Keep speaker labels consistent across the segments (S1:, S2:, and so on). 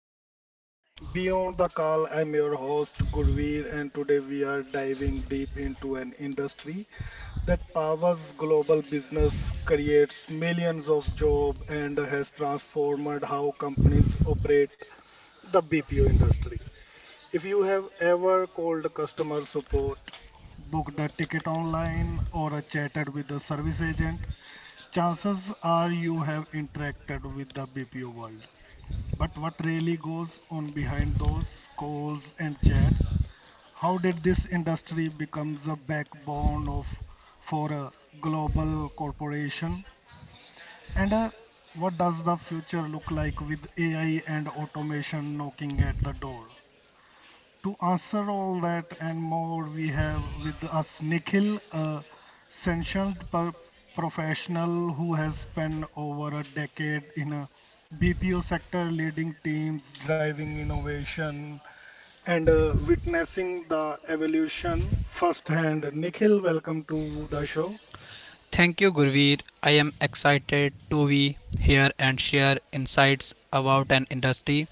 S1: BPO World. Beyond the call, I'm your host Gurveer, and today we are diving deep into an industry that powers global business, creates millions of jobs, and has transformed how companies operate the BPO industry. If you have ever called customer support, booked a ticket online, or chatted with a service agent, chances are you have interacted with the BPO world. But what really goes on behind those calls and chats? How did this industry become the backbone of for a global corporation? And What does the future look like with AI and automation knocking at the door? To answer all that and more, we have with us Nikhil, a sanctioned per- professional who has spent over a decade in a BPO sector, leading teams, driving innovation, and witnessing the evolution firsthand. Nikhil, welcome to the show.
S2: Thank you, Gurveer. I am excited to be here and share insights about an industry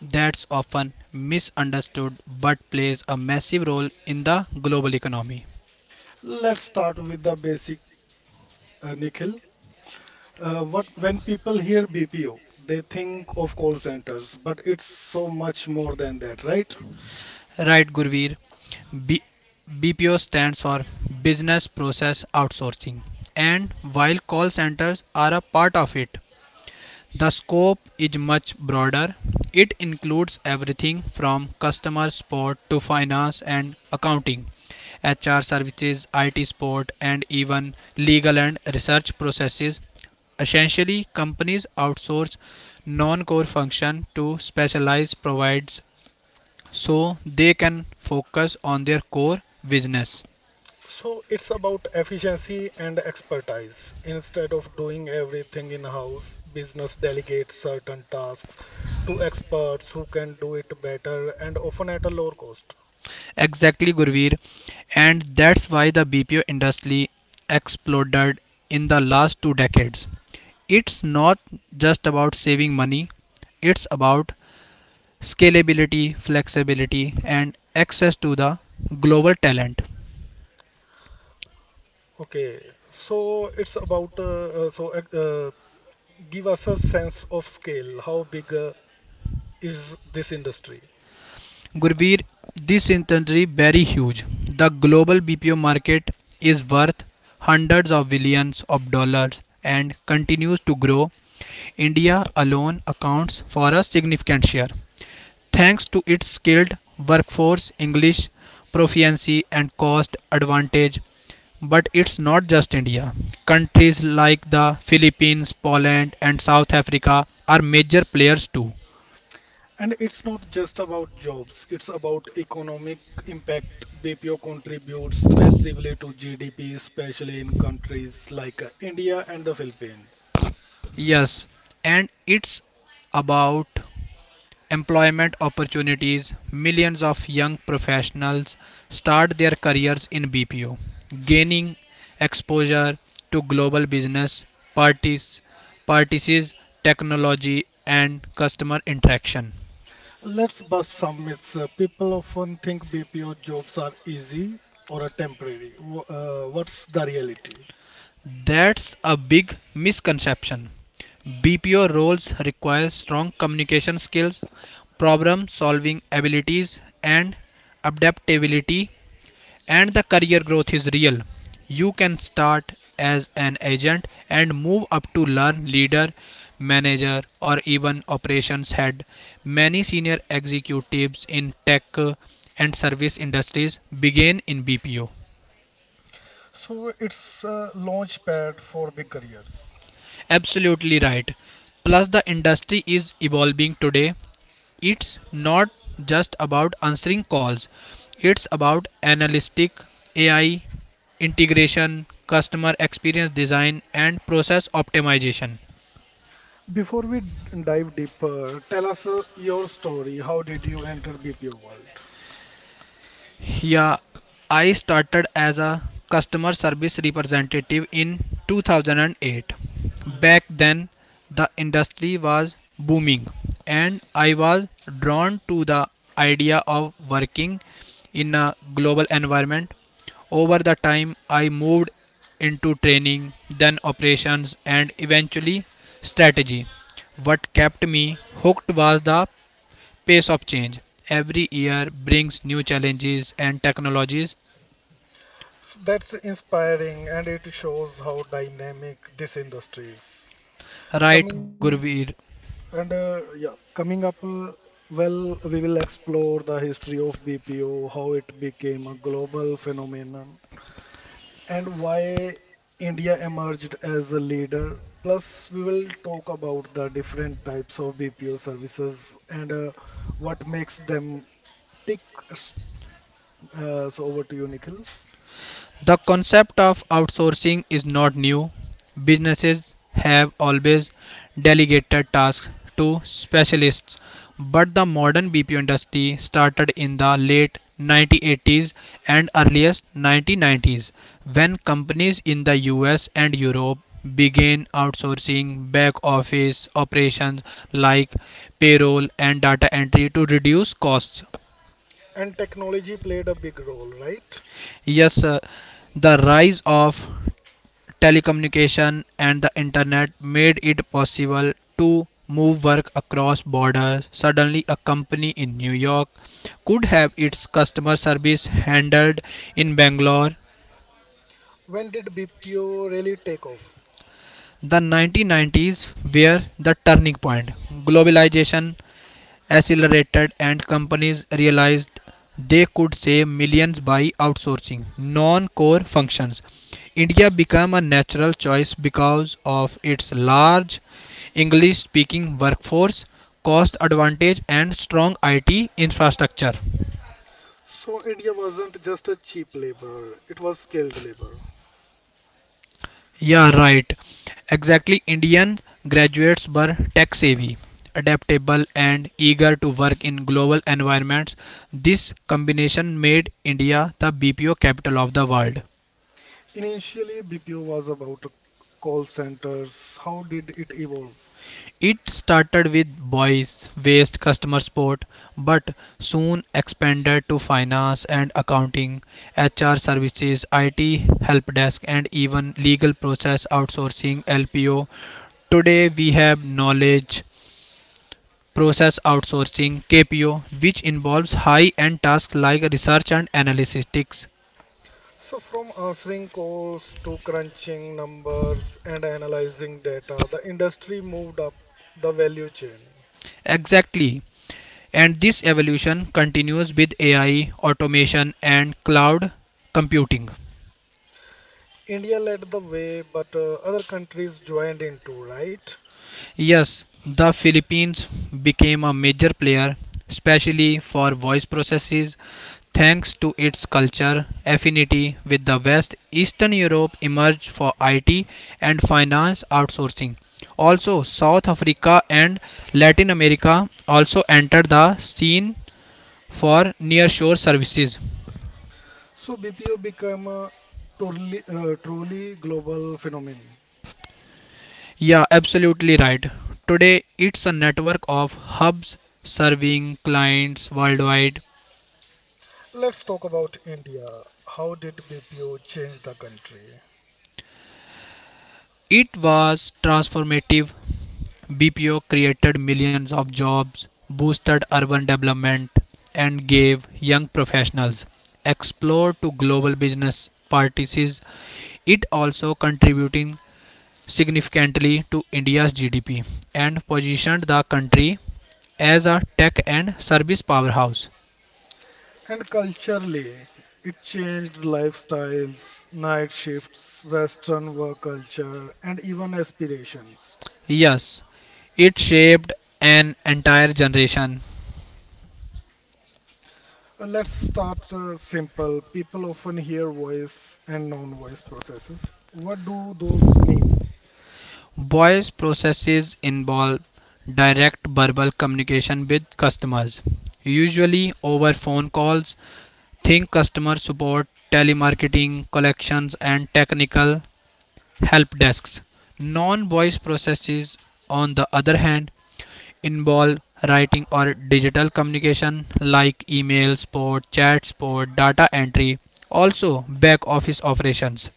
S2: that's often misunderstood but plays a massive role in the global economy.
S1: Let's start with the basic, Nikhil. What When people hear BPO, they think of call centers, but it's so much more than that, right?
S2: Right, Gurveer. B- BPO stands for Business Process Outsourcing, and while call centers are a part of it, the scope is much broader. It includes everything from customer support to finance and accounting, HR services, IT support, and even legal and research processes. Essentially, companies outsource non-core function to specialized providers so they can focus on their core business.
S1: So it's about efficiency and expertise. Instead of doing everything in-house, business delegates certain tasks to experts who can do it better and often at a lower cost.
S2: Exactly, Gurveer. And that's why the BPO industry exploded in the last two decades. It's not just about saving money, it's about scalability, flexibility, and access to the global talent.
S1: Okay, so it's about so give us a sense of scale. How big is this industry?
S2: Gurveer, this industry very huge. The global BPO market is worth hundreds of billions of dollars and continues to grow. India alone accounts for a significant share, thanks to its skilled workforce, English proficiency and cost advantage. But it's not just India. Countries like the Philippines, Poland, and South Africa are major players too.
S1: And it's not just about jobs, it's about economic impact. BPO contributes massively to GDP, especially in countries like India and the Philippines.
S2: Yes, and it's about employment opportunities, millions of young professionals start their careers in BPO, gaining exposure to global business parties, practices, technology, and customer interaction.
S1: Let's bust some myths. People often think BPO jobs are easy or temporary. What's the reality?
S2: That's a big misconception. BPO roles require strong communication skills, problem solving abilities, and adaptability, and the career growth is real. You can start as an agent and move up to learn leader, manager, or even operations head. Many senior executives in tech and service industries began in BPO.
S1: So it's a launch pad for big careers.
S2: Absolutely right. Plus, the industry is evolving today. It's not just about answering calls, it's about analytic AI, integration, customer experience design, and process optimization.
S1: Before we dive deeper, tell us your story. How did you enter BPO world?
S2: Yeah, I started as a customer service representative in 2008. Back then, the industry was booming, and I was drawn to the idea of working in a global environment. Over the time, I moved into training, then operations, and eventually strategy. What kept me hooked was the pace of change. Every year brings new challenges and technologies,
S1: That's inspiring, and it shows how dynamic this industry is.
S2: right,
S1: Coming
S2: Gurveer?
S1: coming up, we will explore the history of BPO, how it became a global phenomenon, and why India emerged as a leader. Plus, we will talk about the different types of BPO services and what makes them tick. S- so, over to you, Nikhil.
S2: The concept of outsourcing is not new. Businesses have always delegated tasks to specialists, but the modern BPO industry started in the late 1980s and earliest 1990s when companies in the US and Europe began outsourcing back office operations like payroll and data entry to reduce costs.
S1: And technology played a big role, right?
S2: Yes, sir, the rise of telecommunication and the internet made it possible to move work across borders. Suddenly, a company in New York could have its customer service handled in Bangalore.
S1: When did BPO really take off?
S2: The 1990s were the turning point. Globalization accelerated and companies realized they could save millions by outsourcing non-core functions. India became a natural choice because of its large English speaking workforce, cost advantage, and strong IT infrastructure.
S1: So India wasn't just a cheap labor, it was skilled labor.
S2: Yeah, right. Exactly. Indian graduates were tech savvy, adaptable, and eager to work in global environments. This combination made India the BPO capital of the world.
S1: Initially, BPO was about call centers. How did it evolve?
S2: It started with voice based customer support, but soon expanded to finance and accounting, HR services, IT help desk, and even legal process outsourcing, LPO. Today we have knowledge process outsourcing, KPO, which involves high end tasks like research and analytics.
S1: So from answering calls to crunching numbers and analyzing data, the industry moved up the value chain.
S2: Exactly. And this evolution continues with AI, automation, and cloud computing.
S1: India led the way, but other countries joined in too, right?
S2: Yes, the Philippines became a major player, especially for voice processes, thanks to its culture affinity with the West. Eastern Europe emerged for IT and finance outsourcing. Also, South Africa and Latin America also entered the scene for nearshore services.
S1: So BPO became a truly global phenomenon.
S2: Yeah, absolutely right. Today, it's a network of hubs serving clients worldwide.
S1: Let's talk about India. How did BPO change the country?
S2: It was transformative. BPO created millions of jobs, boosted urban development, and gave young professionals explore to global business practices. It also contributing significantly to India's GDP and positioned the country as a tech and service powerhouse.
S1: And culturally, it changed lifestyles, night shifts, Western work culture, and even aspirations.
S2: Yes, it shaped an entire generation.
S1: Let's start simple. People often hear voice and non-voice processes. What do those mean?
S2: Voice processes involve direct verbal communication with customers, usually over phone calls. Think customer support, telemarketing, collections, and technical help desks. Non voice processes, on the other hand, involve writing or digital communication like email, support, chat, support, data entry, also back office operations.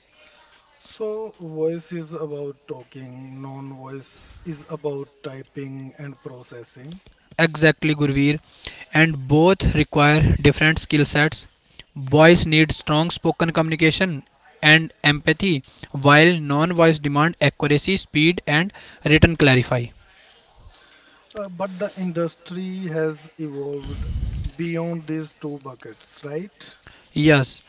S1: So, voice is about talking, non-voice is about typing and processing.
S2: Exactly, Gurveer. And both require different skill sets. Boys need strong spoken communication and empathy, while non-voice demand accuracy, speed, and written clarify.
S1: But the industry has evolved beyond these two buckets, right?
S2: Yes,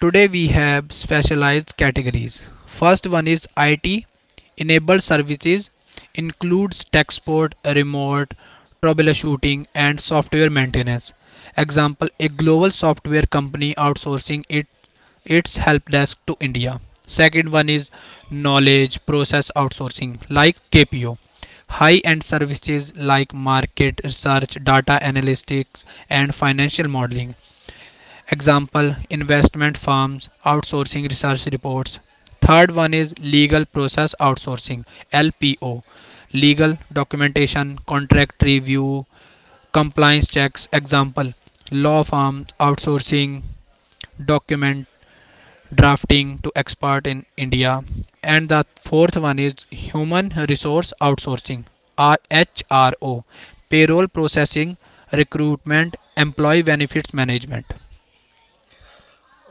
S2: today we have specialized categories. First one is IT enabled services, includes tech support, remote troubleshooting and software maintenance. Example: a global software company outsourcing its help desk to India. Second one is knowledge process outsourcing, like KPO. High end services like market research, data analytics, and financial modeling. Example: investment firms outsourcing research reports. Third one is legal process outsourcing, LPO. Legal documentation, contract review, compliance checks. Example: law firms outsourcing document drafting to expert in India. And the fourth one is human resource outsourcing, HRO, payroll processing, recruitment, employee benefits management.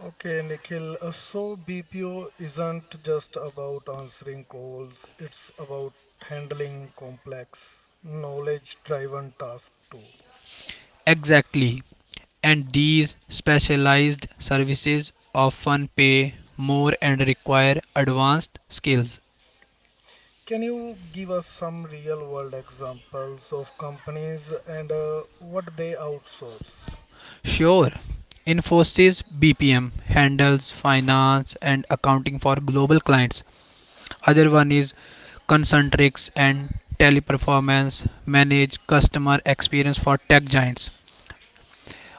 S1: Okay, Nikhil. So BPO isn't just about answering calls, it's about handling complex, knowledge-driven tasks too.
S2: Exactly. And these specialized services often pay more and require advanced skills.
S1: Can you give us some real-world examples of companies and what they outsource?
S2: Sure, Infosys BPM handles finance and accounting for global clients. Other one is concentrics and teleperformance, manage customer experience for tech giants.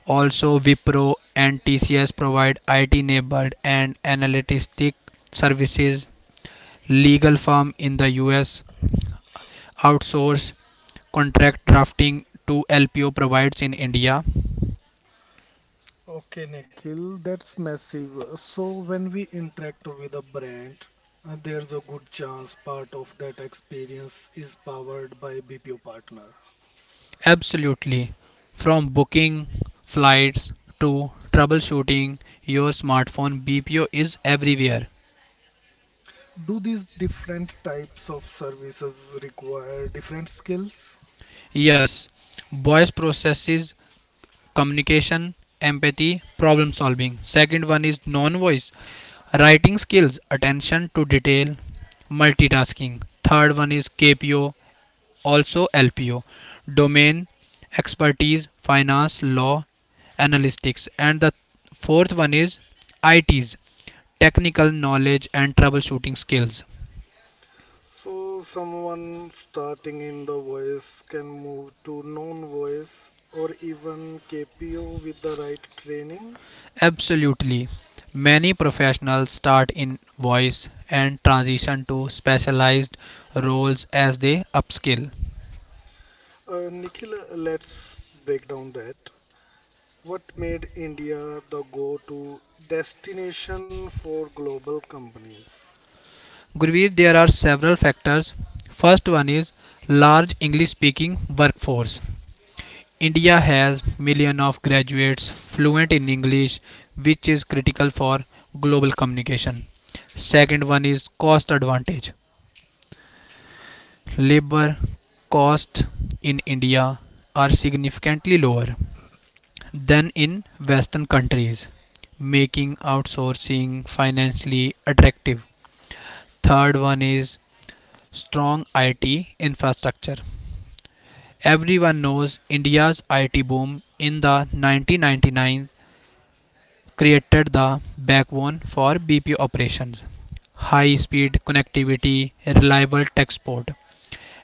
S2: Also wipro and tcs provide it enabled and analytic services. Legal firm in the us outsource contract drafting to lpo provides in india.
S1: Okay, Nikhil, that's massive. So when we interact with a brand, there's a good chance part of that experience is powered by BPO partner.
S2: Absolutely. From booking flights to troubleshooting your smartphone, bpo is everywhere.
S1: Do these different types of services require different skills?
S2: Yes, voice processes: communication, empathy, problem solving. Second one is non voice: writing skills, attention to detail, multitasking. Third one is KPO, also LPO: domain, expertise, finance, law, analytics. And the fourth one is ITs, technical knowledge and troubleshooting skills.
S1: So someone starting in the voice can move to non-voice or even KPO with the right training.
S2: Absolutely. Many professionals start in voice and transition to specialized roles as they upskill.
S1: Nikhil, let's break down that. What made India the go to destination for global companies?
S2: Gurveer, there are several factors. First one is large English speaking workforce. India has million of graduates fluent in English, which is critical for global communication. Second one is cost advantage. Labor costs in India are significantly lower than in Western countries, making outsourcing financially attractive. Third one is strong IT infrastructure. Everyone knows India's IT boom in the 1999 created the backbone for BPO operations. High speed connectivity, reliable tech support.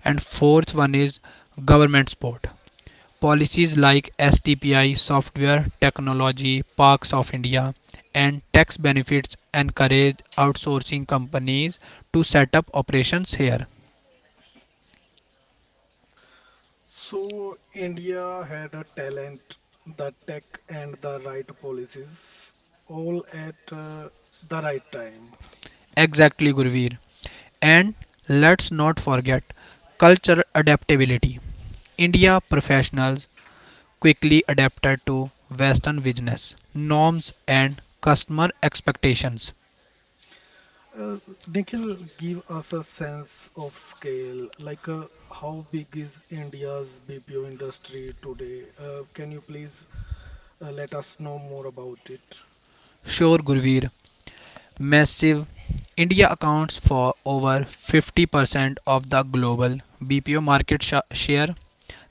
S2: And fourth one is government support. Policies like STPI, software technology, parks of India, and tax benefits encourage outsourcing companies to set up operations here.
S1: So, India had a talent, the tech, and the right policies, all at the right time.
S2: Exactly, Gurveer. And let's not forget cultural adaptability. India professionals quickly adapted to Western business norms and customer expectations.
S1: Uh, Nikhil, give us a sense of scale, how big is India's BPO industry today? Can you please let us know more about it?
S2: Sure, Gurveer, massive. India accounts for over 50% of the global BPO market share.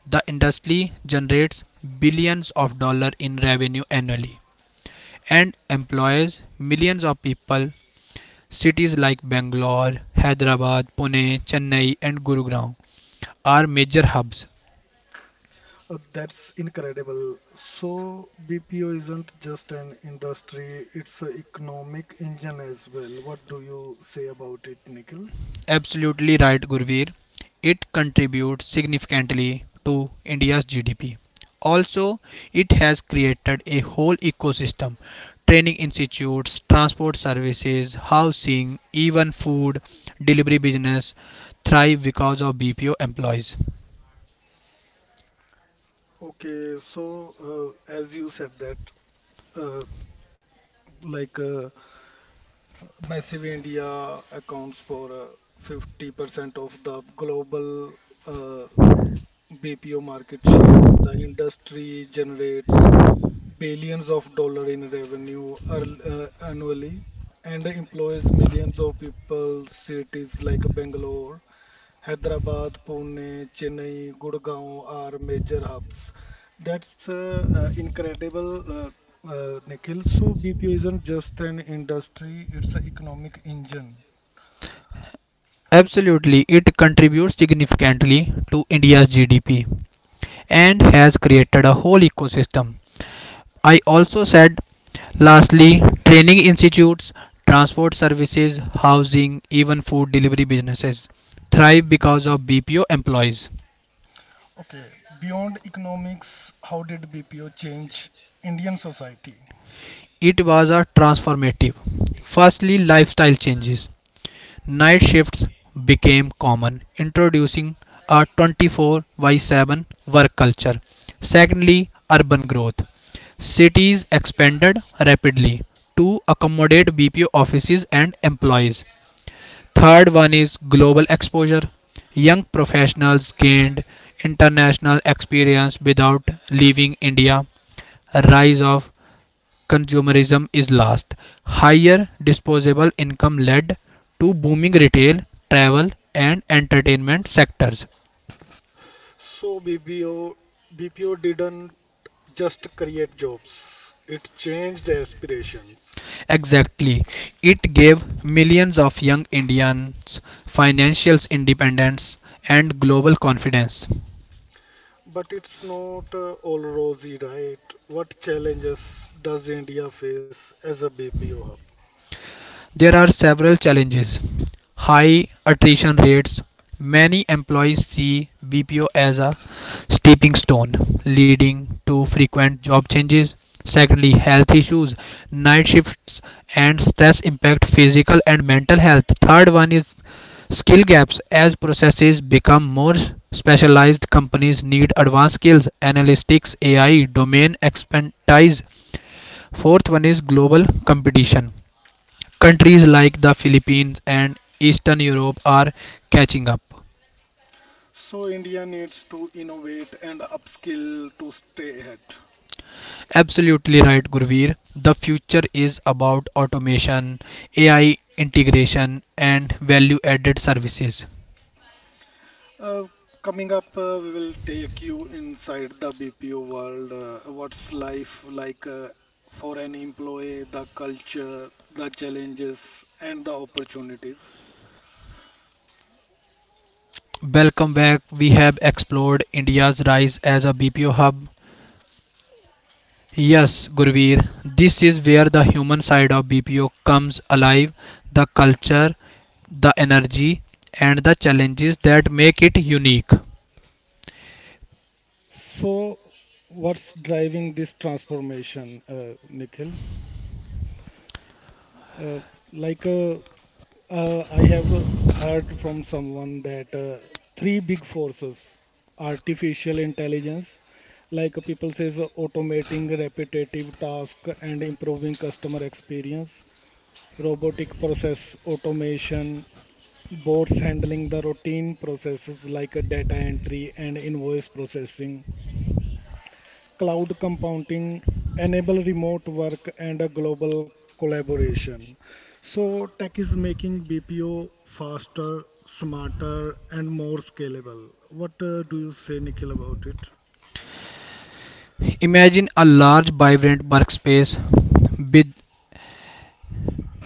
S2: The industry generates billions of dollars in revenue annually and employs millions of people. Cities like Bangalore, Hyderabad, Pune, Chennai, and Gurugram are major hubs.
S1: That's incredible. So BPO isn't just an industry, it's an economic engine as well. What do you say about it, Nikhil?
S2: Absolutely right, Gurveer. It contributes significantly to India's GDP. Also, it has created a whole ecosystem: training institutes, transport services, housing, even food delivery business thrive because of BPO employees.
S1: Okay, so as you said that uh, like uh, massive India accounts for 50% of the global uh, BPO market share, the industry generates billions of dollars in revenue annually and employs millions of people. Cities like Bangalore, Hyderabad, Pune, Chennai, Gurgaon are major hubs. That's incredible, Nikhil. So BPO isn't just an industry, it's an economic engine.
S2: Absolutely, it contributes significantly to India's GDP and has created a whole ecosystem. I also said lastly, training institutes, transport services, housing, even food delivery businesses thrive because of BPO employees.
S1: Okay, beyond economics, how did BPO change Indian society?
S2: It was a transformative. Firstly, lifestyle changes. Night shifts became common, introducing a 24 by 7 work culture. Secondly, urban growth. Cities expanded rapidly to accommodate BPO offices and employees. Third one is global exposure. Young professionals gained international experience without leaving India. Rise of consumerism is last. Higher disposable income led to booming retail, travel and entertainment sectors.
S1: So BPO, didn't just create jobs, it changed aspirations.
S2: Exactly. It gave millions of young Indians financial independence and global confidence.
S1: But it's not all rosy, right? What challenges does India face as a BPO hub?
S2: There are several challenges. High attrition rates. Many employees see BPO as a stepping stone, leading to frequent job changes. Secondly, health issues, night shifts, and stress impact physical and mental health. Third one is skill gaps. As processes become more specialized, companies need advanced skills, analytics, AI, domain expertise. Fourth one is global competition. Countries like the Philippines and Eastern Europe are catching up.
S1: So India needs to innovate and upskill to stay ahead.
S2: Absolutely right, Gurveer. The future is about automation, AI integration, and value added services.
S1: Uh, coming up, we will take you inside the BPO world. What's life like for an employee, the culture, the challenges, and the opportunities.
S2: Welcome back. We have explored India's rise as a BPO hub. Yes, Gurveer, this is where the human side of BPO comes alive, the culture, the energy, and the challenges that make it unique.
S1: So, what's driving this transformation, Nikhil? Uh, like, uh, I have heard from someone that three big forces, artificial intelligence, people says automating repetitive task and improving customer experience, robotic process automation, bots handling the routine processes like data entry and invoice processing, cloud compounding enable remote work and a global collaboration. So tech is making BPO faster, smarter, and more scalable. What do you say, Nikhil, about it?
S2: Imagine a large, vibrant workspace with.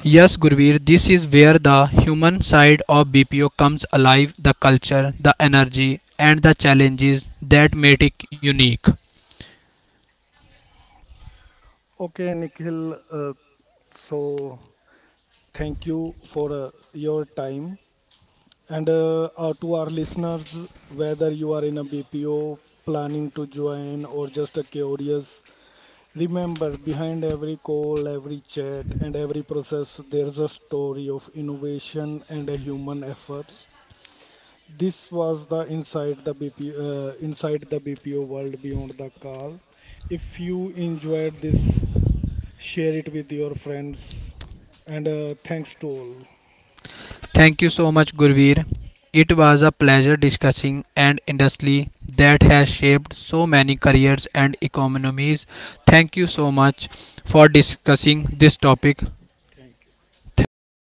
S2: Yes, Gurveer, this is where the human side of BPO comes alive, the culture, the energy, and the challenges that make it unique.
S1: Okay, Nikhil. So thank you for your time. And To our listeners, whether you are in a BPO planning to join or just a curious, remember, behind every call, every chat, and every process, there's a story of innovation and a human efforts. This was the Inside the BPO World Beyond the Call. If you enjoyed this, share it with your friends, and thanks to all.
S2: Thank you so much, Gurveer. It was a pleasure discussing an industry that has shaped so many careers and economies. Thank you so much for discussing this topic.
S1: Thank you.
S2: Thank you.